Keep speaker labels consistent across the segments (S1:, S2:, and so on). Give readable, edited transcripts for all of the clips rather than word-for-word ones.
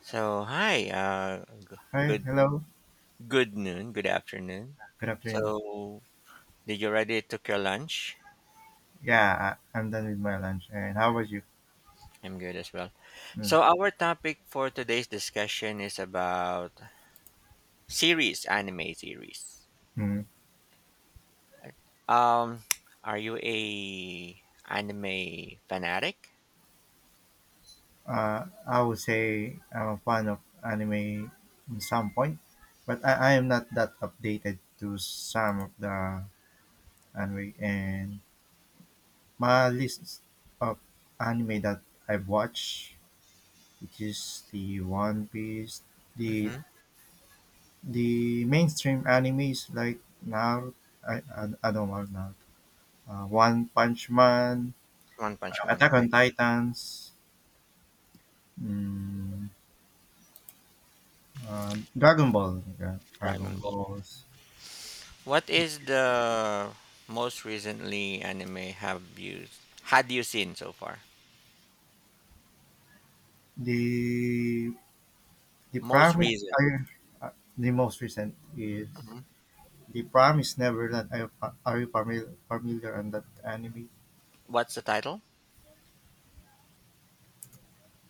S1: So hi,
S2: Hi,
S1: good
S2: hello.
S1: good noon, good afternoon.
S2: Good afternoon.
S1: So did you already took your lunch?
S2: Yeah, I'm done with my lunch. And how about you?
S1: I'm good as well.
S2: Mm.
S1: So our topic for today's discussion is about series, anime series.
S2: Mm.
S1: Um, are you a anime fanatic?
S2: I would say I'm a fan of anime in some point, but I am not that updated to some of the anime. And my list of anime that I've watched, which is the One Piece, the
S1: Mm-hmm.
S2: the mainstream animes like Naruto, I don't know Naruto, One Punch Man,
S1: One Punch Man,
S2: Attack
S1: okay.
S2: on Titans, mm, Dragon Ball, yeah,
S1: Dragon
S2: Dragon
S1: Ball.
S2: Balls.
S1: What is the most recently anime have you had you seen so far?
S2: The the
S1: Most
S2: promise
S1: recent.
S2: I, uh, the most recent is
S1: Mm-hmm.
S2: the Promise Neverland. Are you familiar on that anime?
S1: What's the title?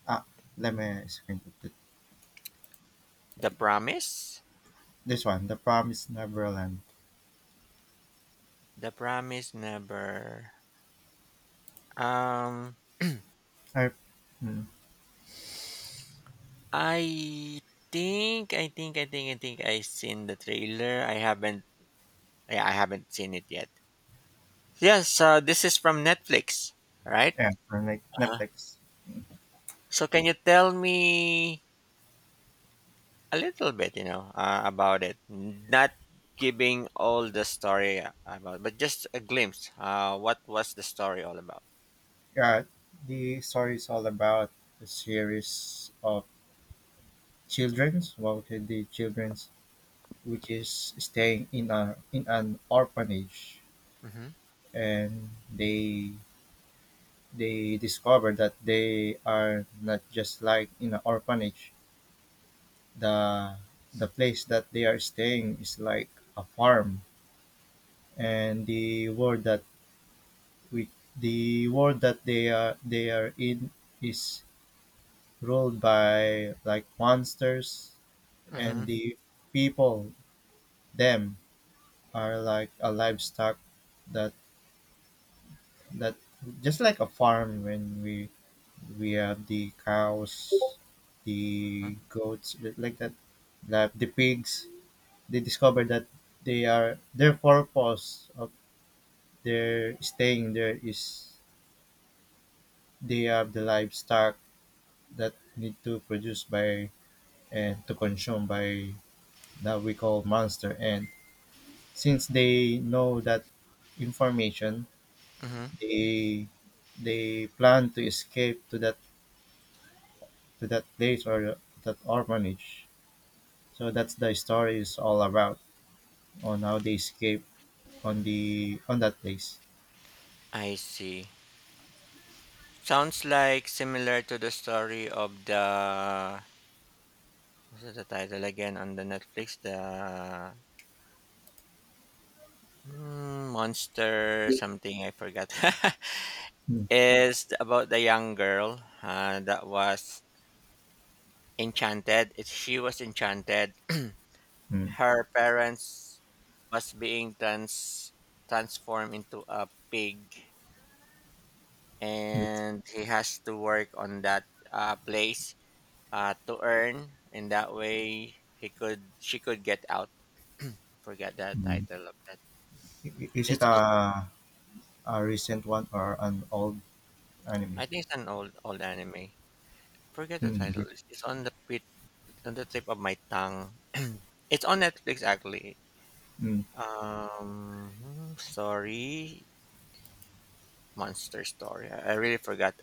S2: Ah, Let me screen it.
S1: The Promise?
S2: This one. The Promise Neverland.
S1: The Promise Never. Um,
S2: I, mm,
S1: I I think I seen the trailer. I haven't seen it yet. Yes, this is from Netflix, right?
S2: yeah, from like
S1: uh
S2: Netflix.
S1: So can you tell me a little bit, about it? Not giving all the story about, but just a glimpse. What was the story all about?
S2: Yeah, the story is all about a series of childrens. Well, the childrens which is staying in a in an orphanage,
S1: Mm-hmm.
S2: and they discover that they are not just like in an orphanage. The the place that they are staying is like a farm, and the world that we the world that they are in is ruled by like monsters.
S1: Mm-hmm.
S2: And the people them are like a livestock that that just like a farm when we have the cows, the goats, like that, like the pigs. They discover that they are their purpose of their staying there is they have the livestock that need to produce by and to consume by that we call monster. And since they know that information,
S1: Mm-hmm.
S2: they they plan to escape to that place or that orphanage. So that's the story is all about on how they escape on the on that place.
S1: I see. Sounds like similar to the story of the what's the title again on the Netflix? The monster something I forgot.
S2: Mm.
S1: Is about the young girl that was enchanted. She was enchanted.
S2: Mm.
S1: Her parents was being transformed into a pig,
S2: Mm.
S1: and he has to work on that place to earn in that way he could she could get out. Forget the
S2: Mm.
S1: title of that.
S2: Is it
S1: it's, it,
S2: a recent one or an old anime?
S1: I think it's an old old anime. Forget the
S2: Mm.
S1: title.
S2: Okay.
S1: It's on the pit on the tip of my tongue. It's on Netflix actually.
S2: Mm.
S1: Um, sorry, monster story. I really forgot.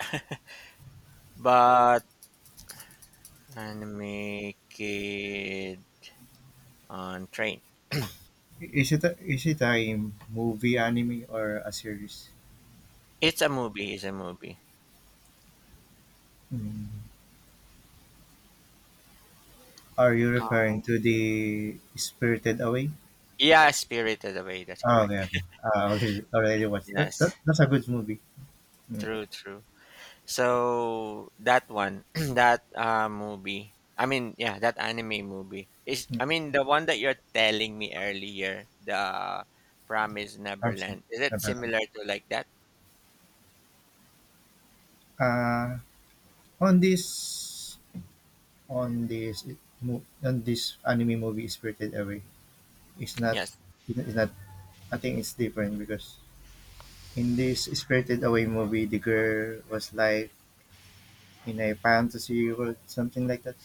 S1: But anime kid on train.
S2: Is it a movie anime or a series?
S1: It's a movie. It's a movie.
S2: Mm. Are you
S1: Uh,
S2: referring to the Spirited Away?
S1: yeah, Spirited Away, that's
S2: Okay,
S1: correct.
S2: okay. Already watched. That, that
S1: Yes,
S2: that's a good movie. Mm.
S1: true, true. So that one, that movie, I mean, yeah, that anime movie is,
S2: Mm.
S1: I mean, the one that you're telling me earlier, the Promise
S2: Armstrong.
S1: Neverland. Is it similar to like that?
S2: Uh, On this on this on this anime movie, Spirited Away, it's not
S1: Yes,
S2: it's not I think it's different because in this Spirited Away movie, the girl was like in a fantasy world, something like that.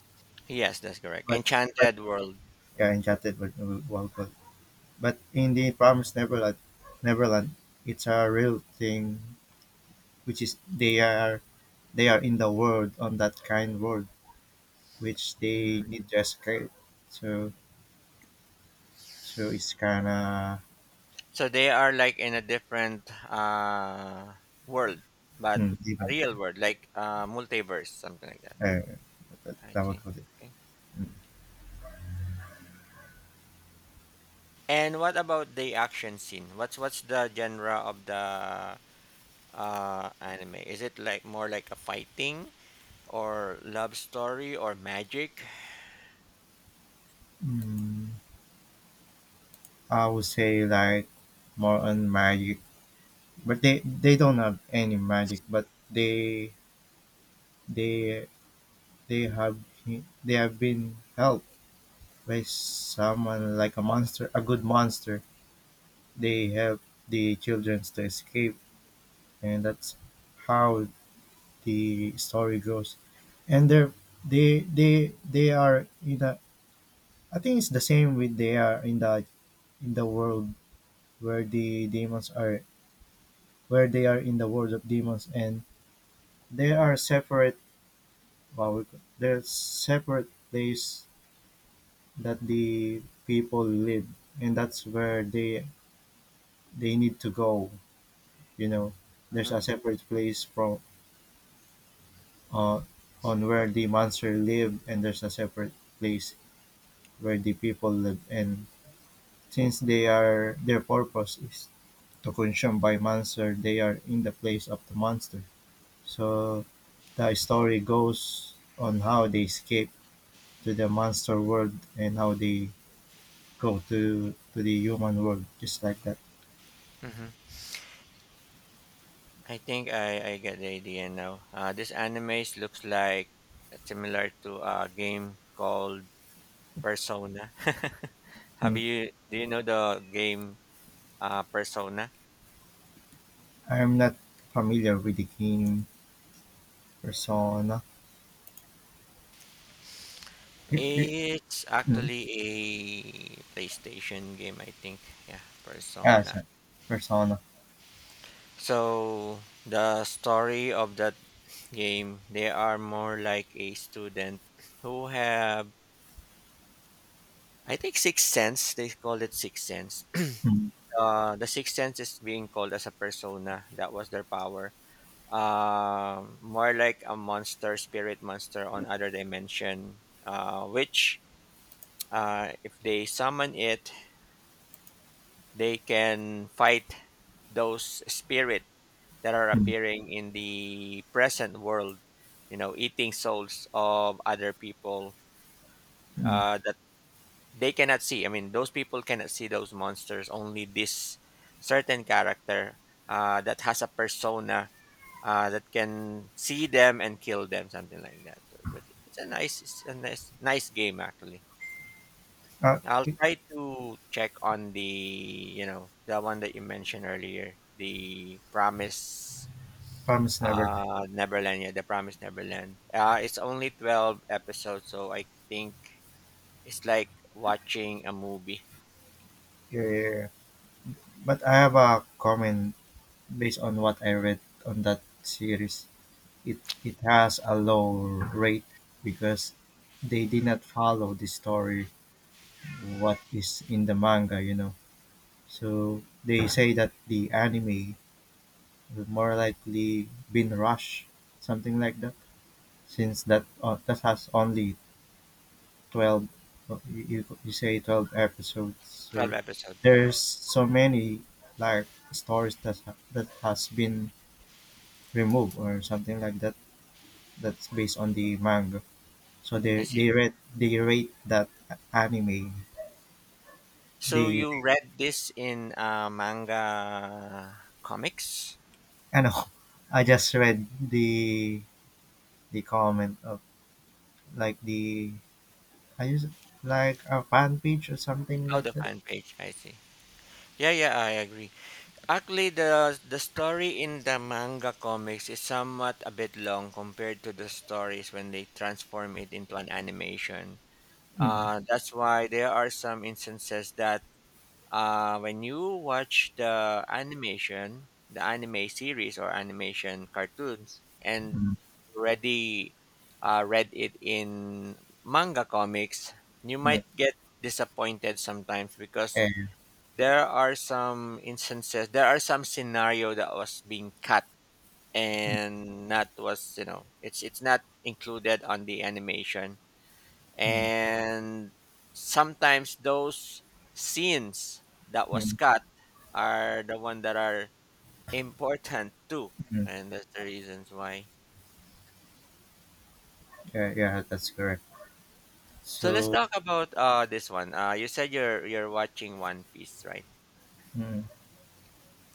S1: yes, that's correct.
S2: But but
S1: Enchanted World. Yeah.
S2: yeah, Enchanted world. But in the Promised Neverland, Neverland, it's a real thing, which is they are in the world on that kind world, which they
S1: Mm.
S2: need to escape. So So it's kinda.
S1: So they are like in a different world, but
S2: Mm.
S1: a
S2: Different.
S1: real world, like multiverse, something like that.
S2: Uh, that,
S1: I
S2: that would
S1: see.
S2: put it.
S1: Okay.
S2: Mm.
S1: And what about the action scene? What's the genre of the anime? Is it like more like a fighting or love story or magic?
S2: Mm. I would say like more on magic, but they don't have any magic, but they they have they have been helped by someone like a monster, a good monster. They help the children to escape, and that's how the story goes. And they they they are in a I think it's the same with they are in the world where the demons are, where they are in the world of demons, and they are separate. Well, they're separate place that the people live, and that's where they need to go, you know, there's
S1: Hmm.
S2: a separate place from uh on where the monster live, and there's a separate place where the people live. And since they are their purpose is to consumed by monster, they are in the place of the monster. So the story goes on how they escape to the monster world and how they go to the human world, just like that.
S1: Hmm. I think I get the idea now. This anime looks like similar to a game called Persona. Have
S2: Mm.
S1: you do you know the game Persona?
S2: I'm not familiar with the game persona. it, it,
S1: It's
S2: mm.
S1: actually a PlayStation game, I think. Yeah, Persona.
S2: Sorry. Persona.
S1: So the story of the game. They are more like a student who have, I think, sixth sense. They call it sixth sense.
S2: Mm.
S1: The sixth sense is being called as a persona. That was their power. More like a monster, spirit monster on other dimension. Which, if they summon it, they can fight those spirit that are
S2: Mm.
S1: appearing in the present world. You know, eating souls of other people
S2: Mm.
S1: uh, they cannot see. I mean, those people cannot see those monsters. Only this certain character that has a persona that can see them and kill them, something like that. But it's a nice game actually. I'll
S2: It,
S1: try to check on the the one that you mentioned earlier, the Promise
S2: promise never
S1: uh Neverland. Yeah, the Promise Neverland. It's only 12 episodes, so I think it's like watching a movie.
S2: yeah, yeah, yeah. But I have a comment based on what I read on that series. It, has a low rate because they did not follow the story what is in the manga, you know. So they say that the anime will more likely been rushed, something like that. Since that that has only 12 you say 12 episodes,
S1: 12
S2: so
S1: episode,
S2: there's
S1: correct.
S2: so many like stories that that has been removed or something like that, that's based on the manga. So
S1: I
S2: they
S1: see.
S2: they read they rate that anime.
S1: So
S2: They
S1: you read this in manga comics?
S2: I know. I just read the comment of like the I just like a fan page or something
S1: Oh,
S2: like
S1: the
S2: that.
S1: fan page. I see. Yeah, yeah, I agree. Actually, the story in the manga comics is somewhat a bit long compared to the stories when they transform it into an animation.
S2: Mm,
S1: That's why there are some instances that when you watch the animation, the anime series or animation cartoons, and
S2: mm,
S1: you already read it in manga comics, you
S2: mm,
S1: might get disappointed sometimes because
S2: eh,
S1: there are some instances, there are some scenario that was being cut
S2: mm,
S1: and not was it's not included on the animation,
S2: mm,
S1: and sometimes those scenes that was
S2: mm.
S1: cut are the one that are important too, and that's the reasons why.
S2: Yeah, yeah, that's correct.
S1: So let's
S2: So,
S1: talk about this one. You said you're watching One Piece, right?
S2: mm,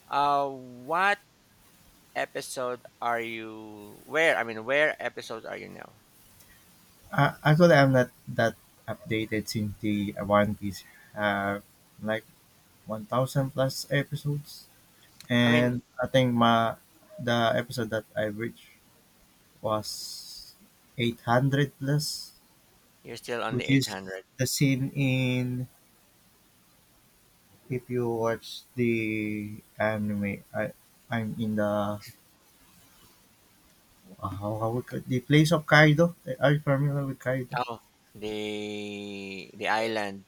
S1: What episode are you? Where episodes are you now?
S2: actually, I'm not that updated since the One Piece have like 1,000 plus episodes,
S1: I mean,
S2: and I think my the episode that I reached was 800 plus,
S1: you're still on the
S2: which
S1: eight
S2: is
S1: hundred.
S2: the scene in if you watch the anime. I'm in the how we call, the place of Kaido. Are you familiar with Kaido?
S1: Oh, the island,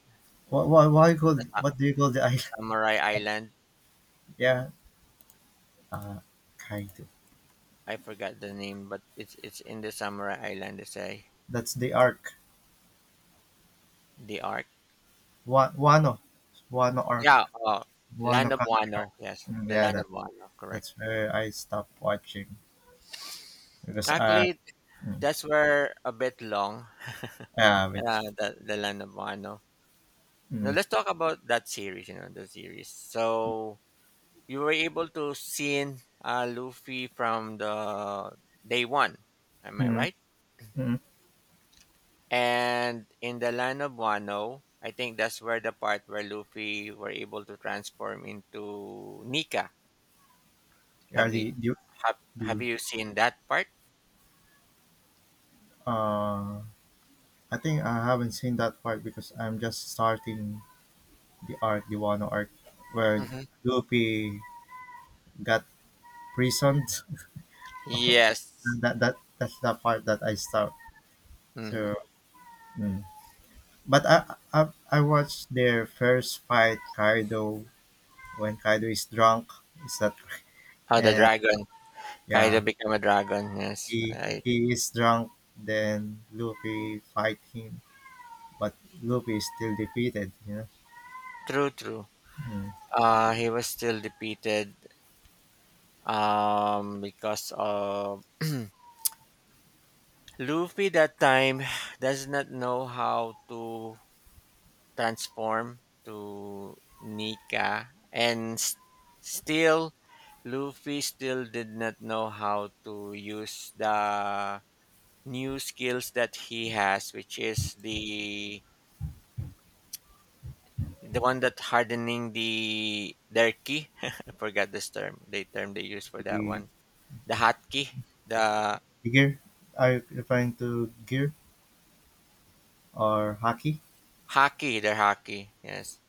S2: What what what, you call,
S1: the, sa-
S2: what do you call the
S1: the
S2: island?
S1: Samurai Island.
S2: Yeah, uh, Kaido.
S1: I forgot the name, but it's in the Samurai Island. They say
S2: That's the arc.
S1: the arc.
S2: Wano, Wano arc,
S1: Yeah, Land
S2: Wano
S1: of
S2: country arc.
S1: Wano. Yes,
S2: Mm,
S1: the
S2: yeah,
S1: Land of Wano. Correct.
S2: that's where I stopped watching because
S1: Actually,
S2: mm,
S1: that's where a bit long.
S2: yeah, wait.
S1: The Land of Wano. Now
S2: Mm,
S1: let's talk about that series. You know the series. So you were able to see in, Luffy from the day one. Am I
S2: mm,
S1: right?
S2: mm.
S1: And in the Land of Wano, I think that's where the part where Luffy were able to transform into Nika.
S2: Yeah,
S1: Have you have
S2: the
S1: you seen that part?
S2: uh, I think I haven't seen that part because I'm just starting the arc, the Wano arc, where
S1: Mhm.
S2: Luffy got prisoned.
S1: Yes.
S2: That's the part that I stopped.
S1: Hmm.
S2: So, mm. But I watched their first fight, Kaido, when Kaido is drunk. Is that correct?
S1: How the
S2: And
S1: dragon. Kaido
S2: yeah,
S1: became a dragon. Yes,
S2: he
S1: right.
S2: he is drunk. Then Luffy fight him, but Luffy is still defeated. You know.
S1: True, true.
S2: Mm.
S1: He was still defeated because of Luffy that time does not know how to transform to Nika and s still Luffy still did not know how to use the new skills that he has, which is the... The one that hardening the their key. I forgot this term. The term they use for that
S2: He-
S1: one. The hotkey. The
S2: Gear? Are you referring to gear or hockey?
S1: hockey. Their hockey. Yes.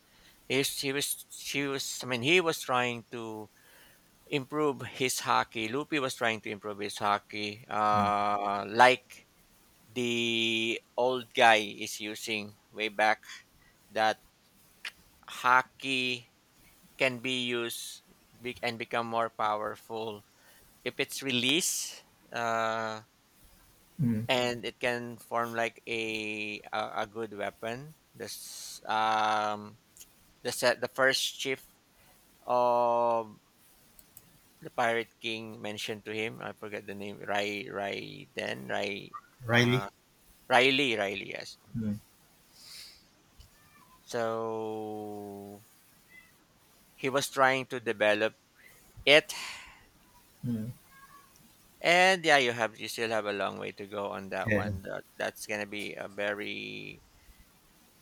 S1: He, she was. She was. I mean, he was trying to improve his hockey. Loopy was trying to improve his hockey.
S2: Mm.
S1: Like the old guy is using way back. That hockey can be used, and become more powerful if it's released. Uh,
S2: Mm.
S1: and it can form like a good weapon. This the set the first chief of the pirate king mentioned to him. I forget the name. Rai Rai Den Rai
S2: Riley?
S1: uh Riley, Riley, yes.
S2: Mm.
S1: So he was trying to develop it,
S2: Mm.
S1: and yeah, you still have a long way to go on that
S2: Yeah.
S1: one. That's going to be a very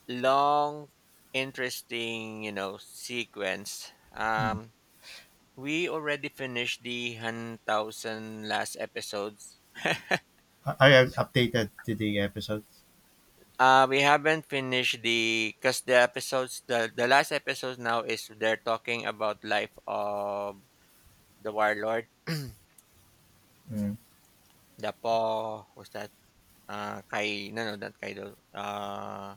S1: long interesting, you know, sequence.
S2: Mm.
S1: Um, we already finished the 1000 last episodes.
S2: Are you updated to the episodes?
S1: We haven't finished the because the episodes the last episode now is they're talking about life of the warlord.
S2: Mm.
S1: The po was that kai no no not kaido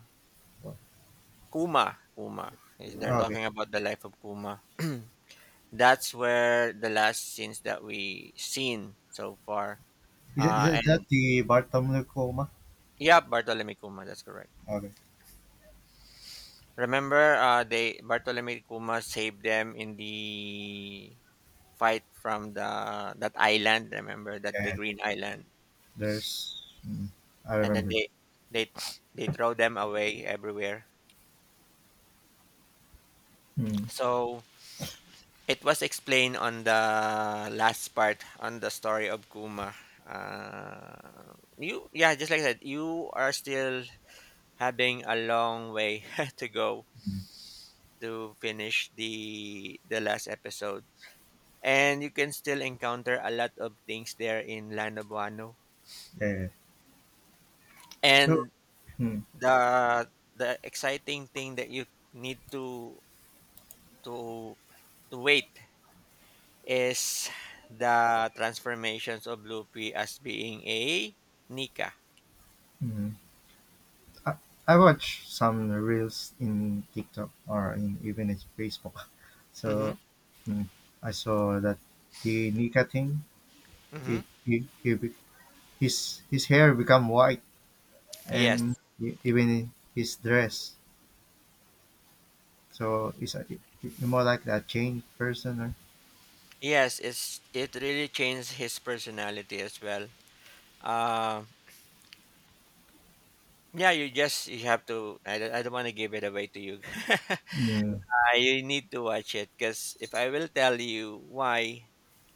S1: Kuma, Kuma is. They're
S2: Oh, okay.
S1: talking about the life of Kuma. That's where the last scenes that we seen so far.
S2: Is
S1: Uh,
S2: that
S1: and
S2: the Bartholomew Coma?
S1: yeah, Bartolome Kuma, that's correct.
S2: Okay.
S1: Remember, they Bartolome Kuma saved them in the fight from the that island. Remember that, the
S2: Yeah.
S1: Green Island,
S2: There's. Mm. I
S1: and then
S2: remember.
S1: they they they throw them away everywhere.
S2: Mm.
S1: So it was explained on the last part on the story of Kuma. You, yeah, just like that. You are still having a long way to go
S2: Mm.
S1: to finish the last episode, and you can still encounter a lot of things there in Lanabuano.
S2: Yeah. So.
S1: And
S2: Mm.
S1: the the exciting thing that you need to to wait is the transformations of Luffy as being a Nika.
S2: Mm. I, I watch some reels in TikTok or in even in Facebook.
S1: Mm-hmm.
S2: So mm, I saw that the Nika thing.
S1: Mm-hmm.
S2: He, be- his hair become white and
S1: Yes.
S2: even his dress. So it's more like a changed person. Or,
S1: Yes, it's it really changed his personality as well. Um, yeah, you just you have to... I don't want to give it away to you.
S2: mm,
S1: I need to watch it, because if I will tell you why,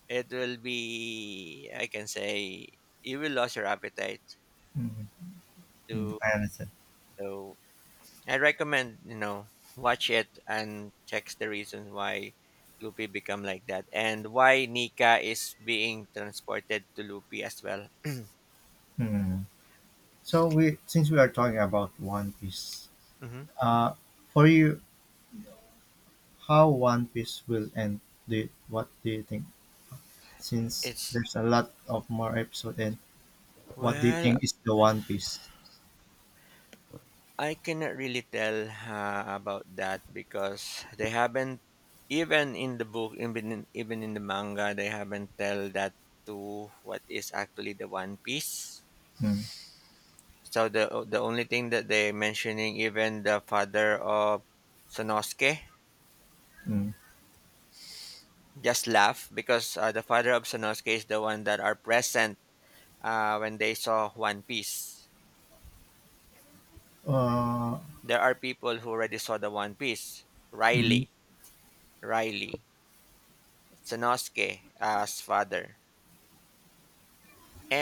S1: it will be, I can say, you will lose your appetite.
S2: mm,
S1: To,
S2: I understand.
S1: so I recommend, you know, watch it and checks the reasons why Luffy become like that and why Nika is being transported to Luffy as well.
S2: Mm. So we since we are talking about One Piece,
S1: Hmm.
S2: uh, for you, how One Piece will end? What do you think? Since
S1: It's
S2: there's a lot of more episode, and what do you
S1: well,
S2: think is the One Piece?
S1: I cannot really tell about that because they haven't, even in the book, even in the manga, they haven't tell that to what is actually the One Piece.
S2: Mm,
S1: So the only thing that they mentioning, even the father of Sanosuke,
S2: mm.
S1: just laugh because the father of Sanosuke is the one that are present when they saw One Piece.
S2: Uh,
S1: There are people who already saw the One Piece.
S2: mm.
S1: Riley, Riley, Sanosuke as father.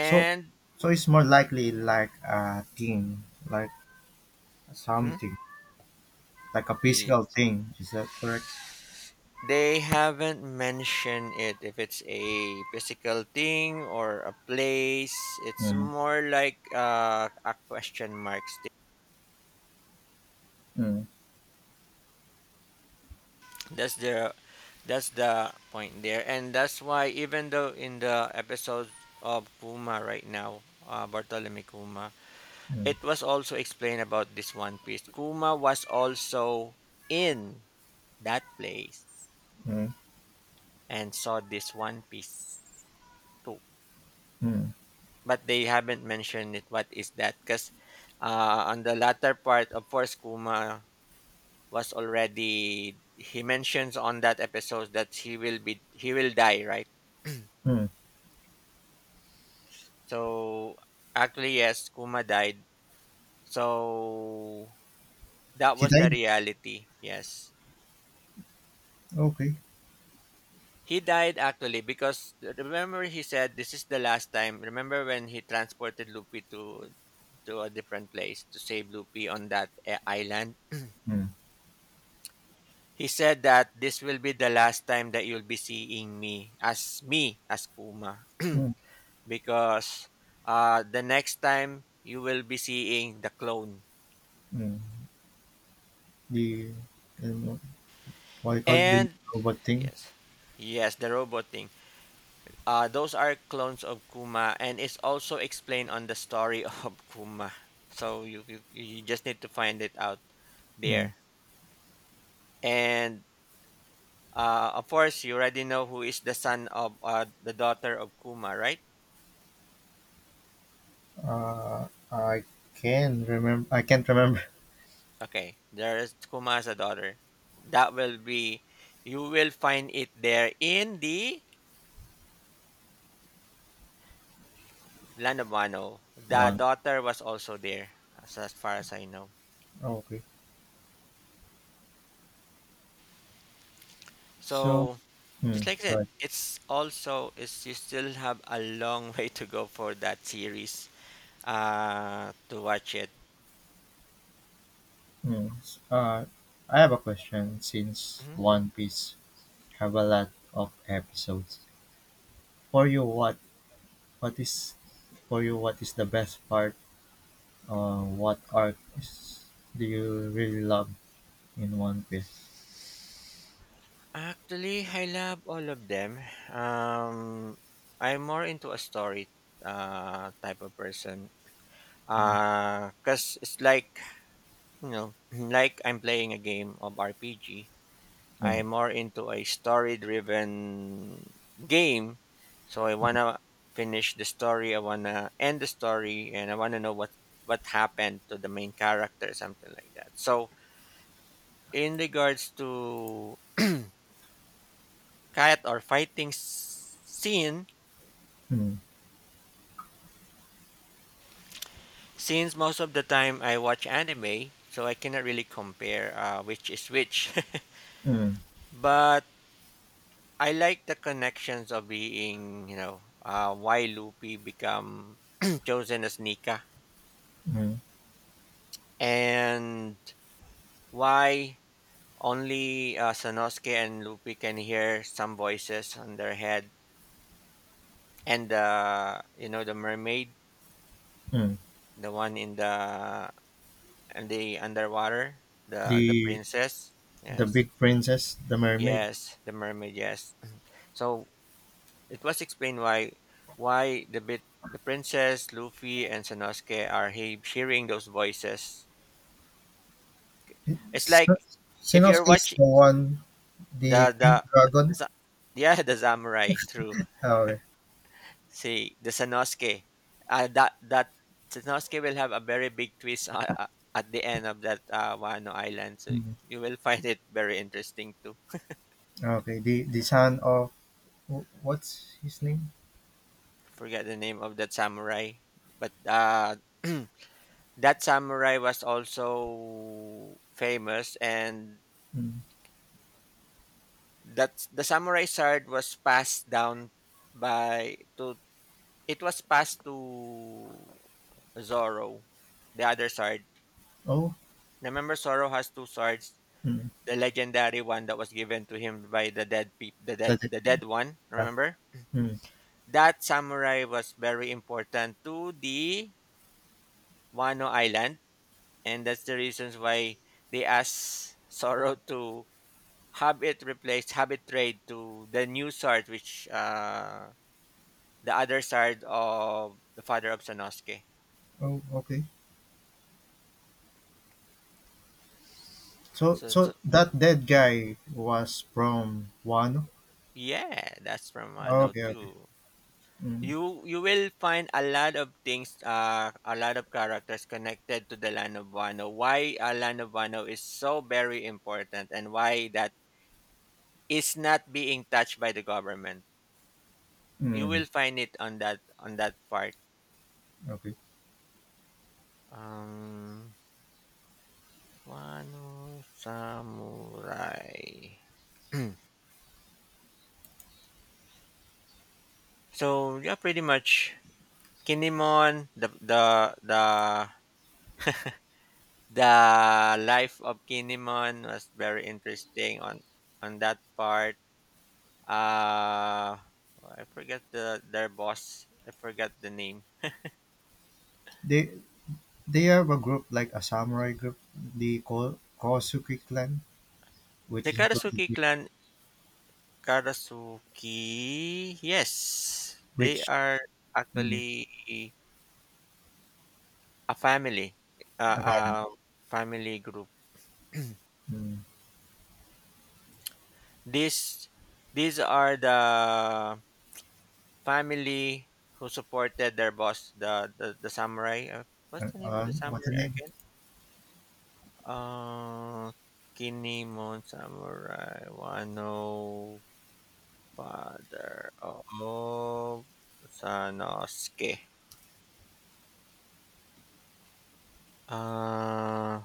S2: So, so it's more likely like a thing, like
S1: Hmm?
S2: something, like a
S1: y-
S2: physical thing. Is that correct?
S1: they haven't mentioned it if it's a physical thing or a place. It's
S2: Mm,
S1: more like a question mark stick.
S2: mm,
S1: That's the that's the point there, and that's why even though in the episode of Kuma right now, Bartolome Kuma,
S2: mm,
S1: it was also explained about this One Piece. Kuma was also in that place
S2: mm,
S1: and saw this One Piece too,
S2: mm,
S1: but they haven't mentioned it. What is that? Because on the latter part, of course, Kuma was already, he mentions on that episode that he will die, right?
S2: mm.
S1: So actually, yes, Kuma died. So that
S2: He
S1: was the
S2: died.
S1: reality. Yes.
S2: Okay.
S1: He died actually, because remember, he said this is the last time. Remember when he transported Luffy to a different place to save Luffy on that island?
S2: Mm,
S1: He said that this will be the last time that you'll be seeing me as Kuma,
S2: mm,
S1: because the next time you will be seeing the clone.
S2: mm. The um, what you call it, the
S1: And
S2: robot thing.
S1: yes, yes, the robot thing. Those are clones of Kuma, and it's also explained on the story of Kuma. So you just need to find it out
S2: Mm.
S1: there. And of course, you already know who is the son of the daughter of Kuma, right?
S2: I can remember. I can't remember
S1: Okay, there is Kuma as a daughter. That will be, you will find it there in the Land of Wano. The
S2: one.
S1: daughter was also there, as far as I know.
S2: Okay. So,
S1: So,
S2: Hmm.
S1: just like I said,
S2: good.
S1: you still have a long way to go for that series to watch it.
S2: Hmm. I have a question since
S1: Mhm.
S2: One Piece have a lot of episodes. For you, what is what is the best part? What arc is do you really love in One Piece?
S1: Actually, I love all of them. Um, I'm more into a story type of person
S2: Mm,
S1: because it's like you know, like I'm playing a game of RPG,
S2: mm,
S1: I'm more into a story driven game. So I want to finish the story, I want to end the story, and I want to know what happened to the main character, something like that. So in regards to cat or fighting scene,
S2: mm,
S1: since most of the time I watch anime, so I cannot really compare which is which.
S2: mm,
S1: But I like the connections of being, you know, why Luffy become chosen as Nika,
S2: mm,
S1: and why only Sanosuke and Luffy can hear some voices on their head and you know the mermaid,
S2: mm.
S1: the one in the and the underwater, the
S2: The
S1: princess.
S2: the
S1: Yes.
S2: big princess, the mermaid.
S1: Yes, the mermaid, yes. So it was explained why why the bit the princess, Luffy, and Sanosuke are hearing those voices. It's
S2: It's
S1: like if you're
S2: Sinosuke is
S1: watching
S2: the one, the
S1: the
S2: pink
S1: the, the
S2: dragon.
S1: sa- yeah the samurai through
S2: Okay.
S1: see the Sanosuke, that that Sanosuke will have a very big twist at the end of that Wano Island. So
S2: Mm.
S1: you will find it very interesting too.
S2: Okay, the son of what's his name?
S1: Forget the name of that samurai, but that samurai was also famous, and
S2: Mm.
S1: that the samurai sword was passed down by to it was passed to Zoro, the other sword.
S2: Oh,
S1: Remember Zoro has two swords,
S2: mm.
S1: the legendary one that was given to him by the dead peop
S2: That's it.
S1: the dead one,
S2: Yeah.
S1: remember?
S2: Mm.
S1: That samurai was very important to the Wano Island, and that's the reasons why they asked Zoro to have it trade to the new sword, which the other sword of the father of Sanosuke.
S2: Oh, okay. So
S1: So,
S2: so that dead
S1: mhm,
S2: guy was from Wano?
S1: yeah, that's from
S2: Ah,
S1: Note
S2: okay, okay.
S1: 2.
S2: Mm,
S1: You you will find a lot of things a lot of characters connected to the Land of Wano. Why Land of Wano is so very important and why that is not being touched by the government. You
S2: mm,
S1: will find it on that part.
S2: okay.
S1: Um, Wano Samurai. So yeah, pretty much Kinemon. The life of Kinemon was very interesting on that part. Uh oh, I forget the their boss. I forgot the name.
S2: They they have a group like a samurai group, the Kosuke clan, which
S1: The
S2: is included
S1: Karasuki
S2: with-
S1: clan. Karasuki. Yes, they
S2: which
S1: are
S2: mm,
S1: actually a family. Uh,
S2: about
S1: uh family group.
S2: mm,
S1: These are the family who supported their boss, the samurai. What's the name of the
S2: what's the
S1: samurai
S2: name?
S1: again? Uh, Kinemon Samurai Wano Father of Sanosuke. Uh,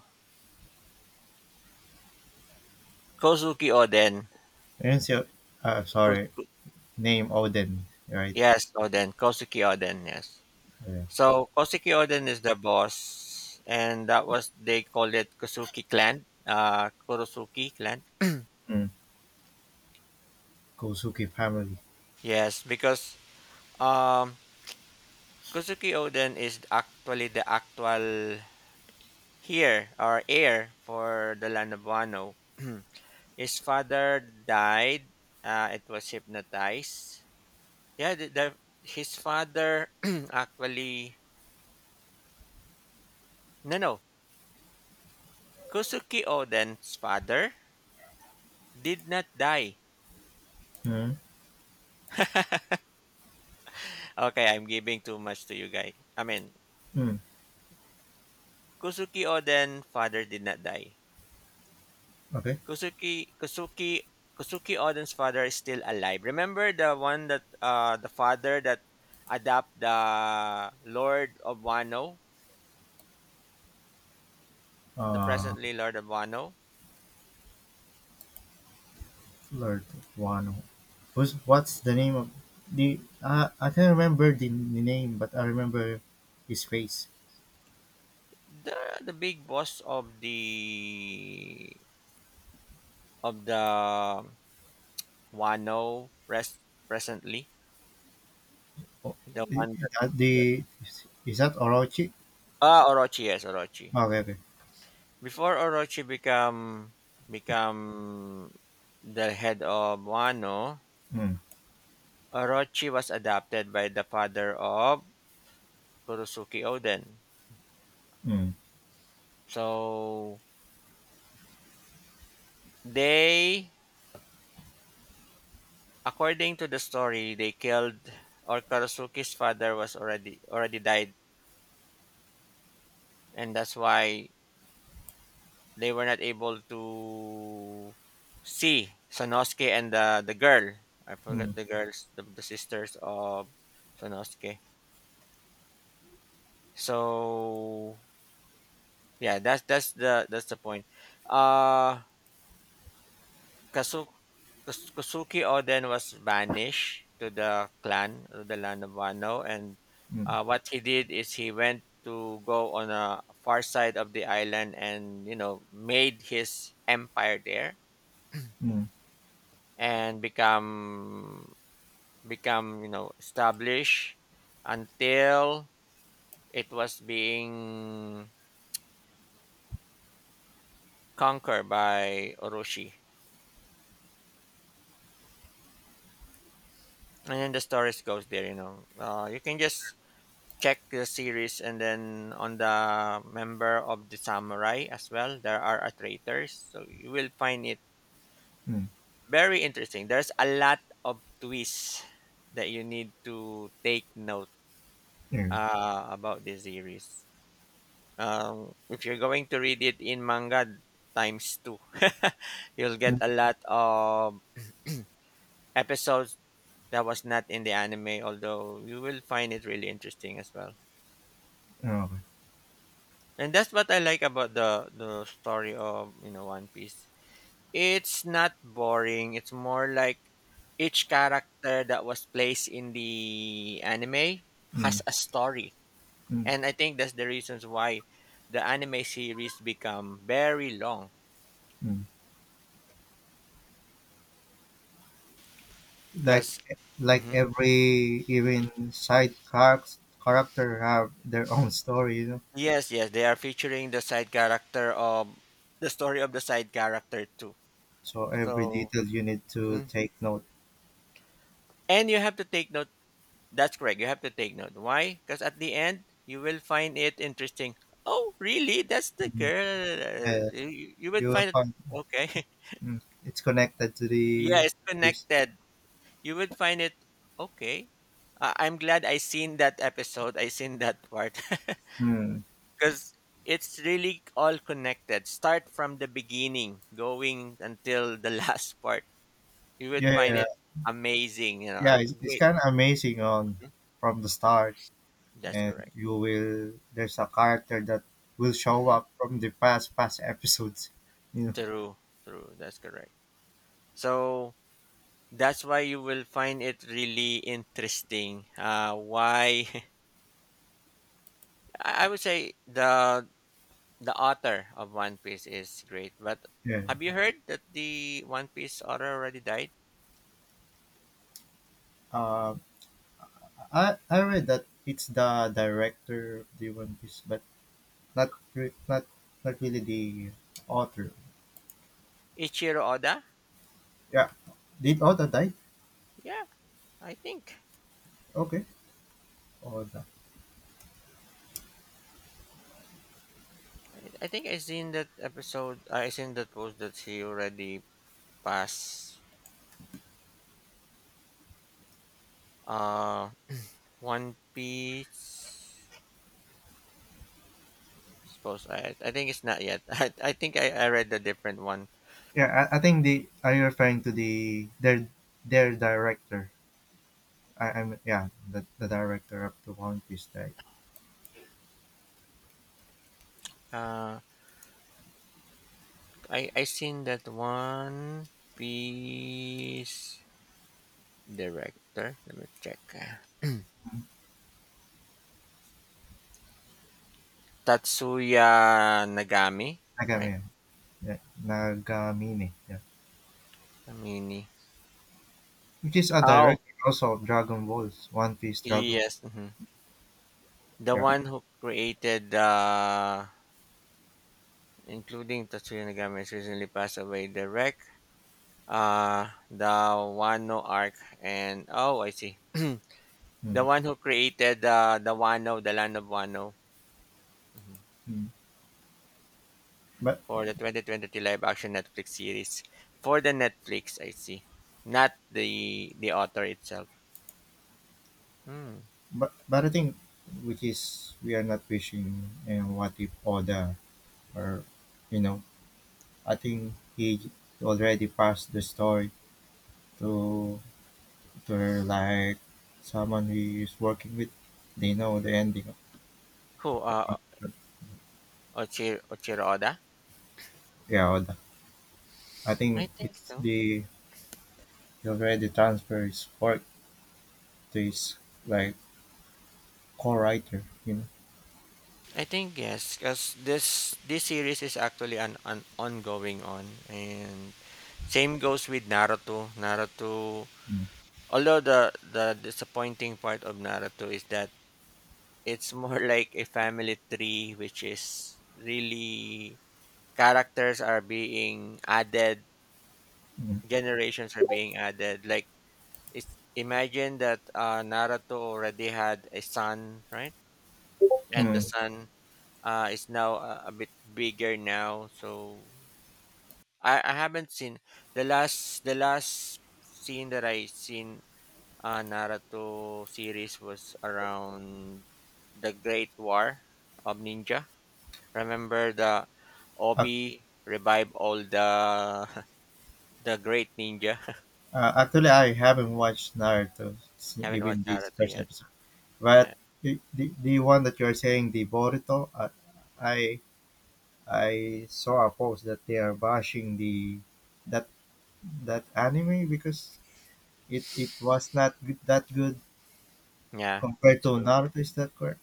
S1: Kozuki Oden.
S2: I didn't see. Sorry,
S1: Ko-
S2: name Odin, right?
S1: yes, Oden. Kozuki Oden. Yes.
S2: Yeah.
S1: So Kosuke Oden is their boss, and that was they called it Kosuke Clan, Kurosuke Clan.
S2: Mm, Kosuke family.
S1: Yes, because um, Kosuke Oden is actually the actual heir or heir for the land of Wano. His father died. It was hypnotized. Yeah, his father actually no, Kosuke Oden's father did not die.
S2: Mm,
S1: Okay, I'm giving too much to you guys. I mean,
S2: mm,
S1: Kusuki Oden father did not die.
S2: okay.
S1: Kusuki Kusuki Kusuki Oden's father is still alive. Remember the one that the father that adopt the Lord of Wano, the
S2: Uh,
S1: presently Lord of Wano,
S2: Lord Wano. Who's what's the name of the? I can't remember the name, but I remember his face.
S1: the the big boss of the Wano rest presently,
S2: Oh,
S1: the one that,
S2: I- that
S1: that
S2: the is that Orochi?
S1: ah Orochi yes Orochi.
S2: Ah, okay, okay.
S1: Before Orochi become the head of Wano,
S2: Mm,
S1: Orochi was adopted by the father of Kurosuke Oden.
S2: mm,
S1: So they, according to the story, they killed or Kurosuke's father was already died, and that's why they were not able to see Sanosuke and the girl. I
S2: mm,
S1: forgot the girls, the sisters of Sanosuke. So yeah, that's the point. Uh, Kasu- Kasuki Oden was banished to the clan, to the land of Wano, and
S2: mm,
S1: what he did is he went to go on a far side of the island, and you know made his empire there
S2: mm,
S1: and become you know established until it was being conquered by Orochi. And then the storage goes there, you know, you can just check the series, and then on the member of the samurai as well there are a traitors, so you will find it
S2: mm,
S1: very interesting. There's a lot of twists that you need to take note
S2: mm,
S1: about the series. If you're going to read it in manga times two, you'll get a lot of episodes that was not in the anime, although you will find it really interesting as well.
S2: mm, okay.
S1: And that's what I like about the story of you know One Piece. It's not boring. It's more like each character that was placed in the anime has
S2: Mm,
S1: a story,
S2: mm,
S1: and I think that's the reasons why the anime series become very long.
S2: mm.
S1: Because
S2: Like like every even side character have their own story, you know.
S1: yes, yes, they are featuring the side character of the story of the side character too.
S2: So every
S1: So.
S2: detail you need to
S1: Mhm.
S2: take note.
S1: And you have to take note. That's correct. You have to take note. Why? Because at the end, you will find it interesting. Oh, really? That's the
S2: Mm.
S1: girl.
S2: Yeah,
S1: You would
S2: you will
S1: find it
S2: find.
S1: okay.
S2: Mm, it's connected to
S1: Yeah,
S2: the
S1: it's
S2: this.
S1: connected. You would find it okay. I'm glad I seen that episode. I seen that part.
S2: Mm,
S1: Because it's really all connected. Start from the beginning, going until the last part. You would
S2: yeah,
S1: find
S2: yeah, yeah.
S1: it amazing. You know,
S2: Yeah, it's
S1: great.
S2: kind of amazing on
S1: Hmm,
S2: from the start,
S1: that's
S2: and
S1: correct.
S2: you will there's a character that will show
S1: Hmm.
S2: up from the past episodes, you know.
S1: True, true. That's correct. So that's why you will find it really interesting why I would say the author of one piece is great, but
S2: Yeah.
S1: have you heard that the one piece author already died?
S2: Um, I read that it's the director of the One Piece, but not re- not not really the author.
S1: Ichiro Oda.
S2: Yeah, did Oda die?
S1: Yeah, i think
S2: Okay, Oda.
S1: I think I seen that episode, I seen that post that he already passed. Uh, one piece suppose I think it's not yet. I think I read the different one.
S2: Yeah, I think, the are you referring to the their director? I, I'm Yeah, the director of the One Piece, right?
S1: Uh, I seen that one piece director. Let me check. Ah. Tatsuya Nagami,
S2: Nagami,
S1: right?
S2: yeah, Nagamine, yeah,
S1: Amini.
S2: which is a
S1: Oh,
S2: director also of Dragon Balls, One Piece, Dragon,
S1: yes. Mhm. The
S2: yeah,
S1: one who created including Tatsuya Nagami has recently passed away. Direct the Wano arc and oh I see. The
S2: mm,
S1: one who created the Wano, the land of Wano. Mhm.
S2: mm. but
S1: For the 2023 live action Netflix series. For the Netflix, I see. Not the author itself. Hmm.
S2: but I think, which is we are not wishing and what if Oda or, you know, I think he already passed the story to like someone he is working with. They know the ending of
S1: Who?
S2: the contract.
S1: Ochiro Oda?
S2: Yeah, Oda. I
S1: I
S2: think
S1: think
S2: it's
S1: so.
S2: the he already transferred his work to his like co-writer, you know.
S1: I think yes, because this series is actually an ongoing on, and same goes with Naruto. Naruto,
S2: Mm,
S1: although the disappointing part of Naruto is that it's more like a family tree, which is really characters are being added,
S2: mm,
S1: generations are being added. Like, it's, imagine that Naruto already had a son, right? And the
S2: mm.
S1: son is now a bit bigger now. So I haven't seen the last scene that I seen. Naruto series was around the Great War of Ninja. Remember the
S2: Ac-
S1: Obi revive all the the great ninja.
S2: Actually, I haven't watched Naruto
S1: Haven't
S2: even
S1: watched
S2: this
S1: Naruto
S2: first
S1: yet.
S2: episode. But
S1: Yeah.
S2: the one that you are saying, the Boruto, I I saw a post that they are bashing the that that anime because it was not good, that good
S1: Yeah, that's
S2: compared to
S1: true.
S2: Naruto. Is that correct?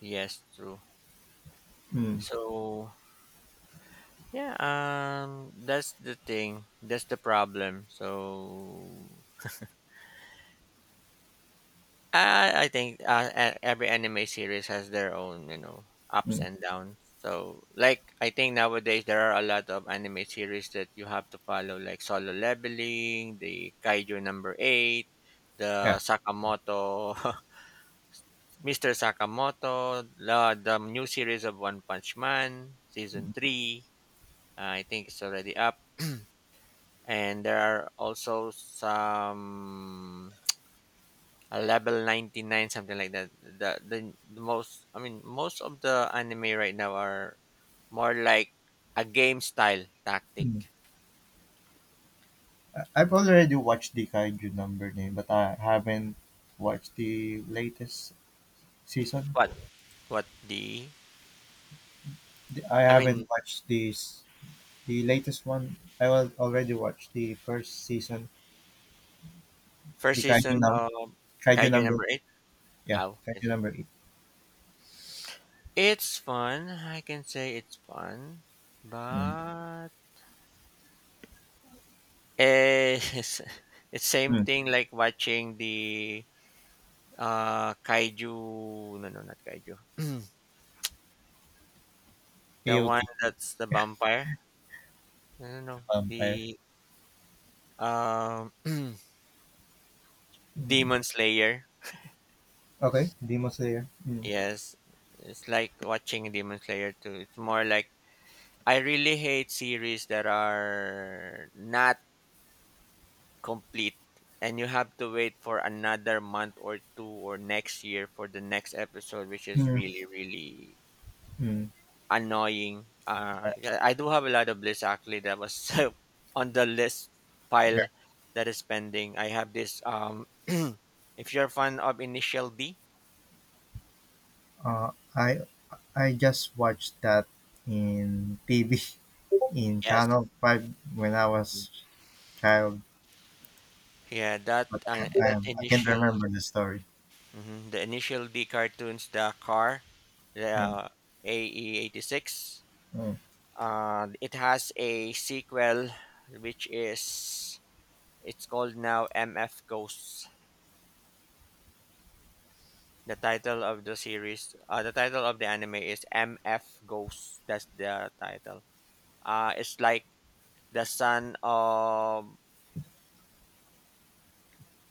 S1: Yes, true.
S2: Mm,
S1: So yeah, that's the thing. That's the problem. So I think every anime series has their own you know ups
S2: mm,
S1: and downs. So like I think nowadays there are a lot of anime series that you have to follow, like Solo Leveling, the Kaiju Number Eight, the
S2: yeah.
S1: Sakamoto, Mister Sakamoto, the new series of One Punch Man season three. I think it's already up. And there are also some a level 99 something like that. The most, most of the anime right now are more like a game style tactic.
S2: I've already watched the Kaiju number name, but I haven't watched the latest season.
S1: What what the
S2: I
S1: I mean
S2: haven't watched this the latest one. I already watched the first season,
S1: First
S2: the Kaiju
S1: season
S2: num
S1: of
S2: Kaiju
S1: kaiju
S2: number
S1: number 8.
S2: yeah,
S1: How is
S2: Kaiju
S1: it?
S2: number eight.
S1: It's fun, I can say it's fun,
S2: Mm.
S1: but eh, it's same
S2: Mm.
S1: thing like watching the kaiju, no, not kaiju. The
S2: AOT
S1: one that's the vampire. I don't know.
S2: Vampire.
S1: The um
S2: Mm.
S1: Demon Slayer.
S2: Okay, Demon Slayer. Mm.
S1: Yes. It's like watching Demon Slayer too. It's more like I really hate series that are not complete, and you have to wait for another month or two or next year for the next episode, which is
S2: Mm.
S1: really really
S2: Mm.
S1: annoying. Yeah, I do have a lot of lists actually that was on the list
S2: Yeah.
S1: pile that is pending. I have this. If you're a fan of Initial D,
S2: Uh, I I just watched that in TV in
S1: yes,
S2: Channel 5 when I was child.
S1: yeah, that
S2: But I can not
S1: initial
S2: remember the story.
S1: mhm, the initial D cartoons, the car,
S2: Mm,
S1: the AE 86.
S2: mm.
S1: It has a sequel, which is it's called now MF Ghosts. The title of the series, the title of the anime is MF Ghost. That's the title. It's like the son of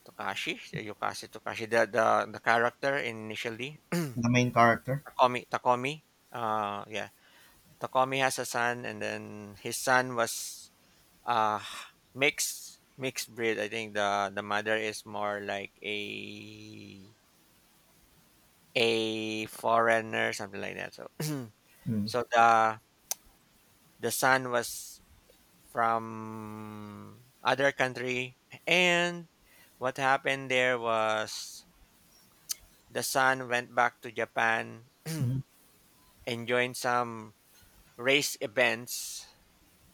S1: Takashi, Yukashi Takashi, the character initially,
S2: The main character.
S1: Takomi. Takomi. Yeah. Takomi has a son, and then his son was uh, mixed breed. I think the mother is more like a foreigner, something like that. So
S2: Mm,
S1: so the son was from other country, and what happened there was the son went back to japan
S2: mm,
S1: and joined some race events,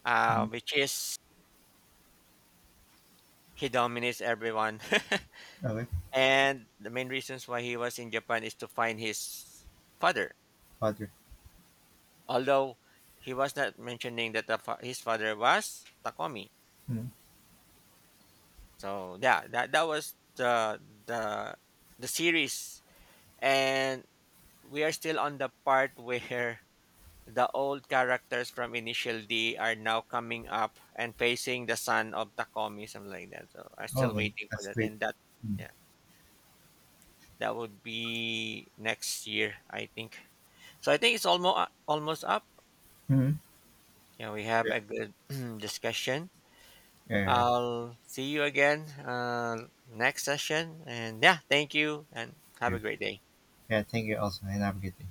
S2: mm.
S1: which is he dominates everyone.
S2: Okay,
S1: And the main reasons why he was in japan is to find his father,
S2: father.
S1: although he was not mentioning that his father was Takomi.
S2: Mm.
S1: So yeah, that was the the series. And we are still on the part where the old characters from Initial D are now coming up and facing the son of Takomi, something like that. So I'm still
S2: Okay,
S1: waiting for
S2: that's
S1: that.
S2: great.
S1: And that,
S2: Mm.
S1: yeah, that would be next year, I think. So I think it's almost almost up.
S2: Mm.
S1: Yeah, we have
S2: Yeah.
S1: a good discussion.
S2: Yeah, yeah,
S1: I'll see you again next session. And yeah, thank you and have
S2: yeah.
S1: a great day.
S2: Yeah, thank you also, and have a good day.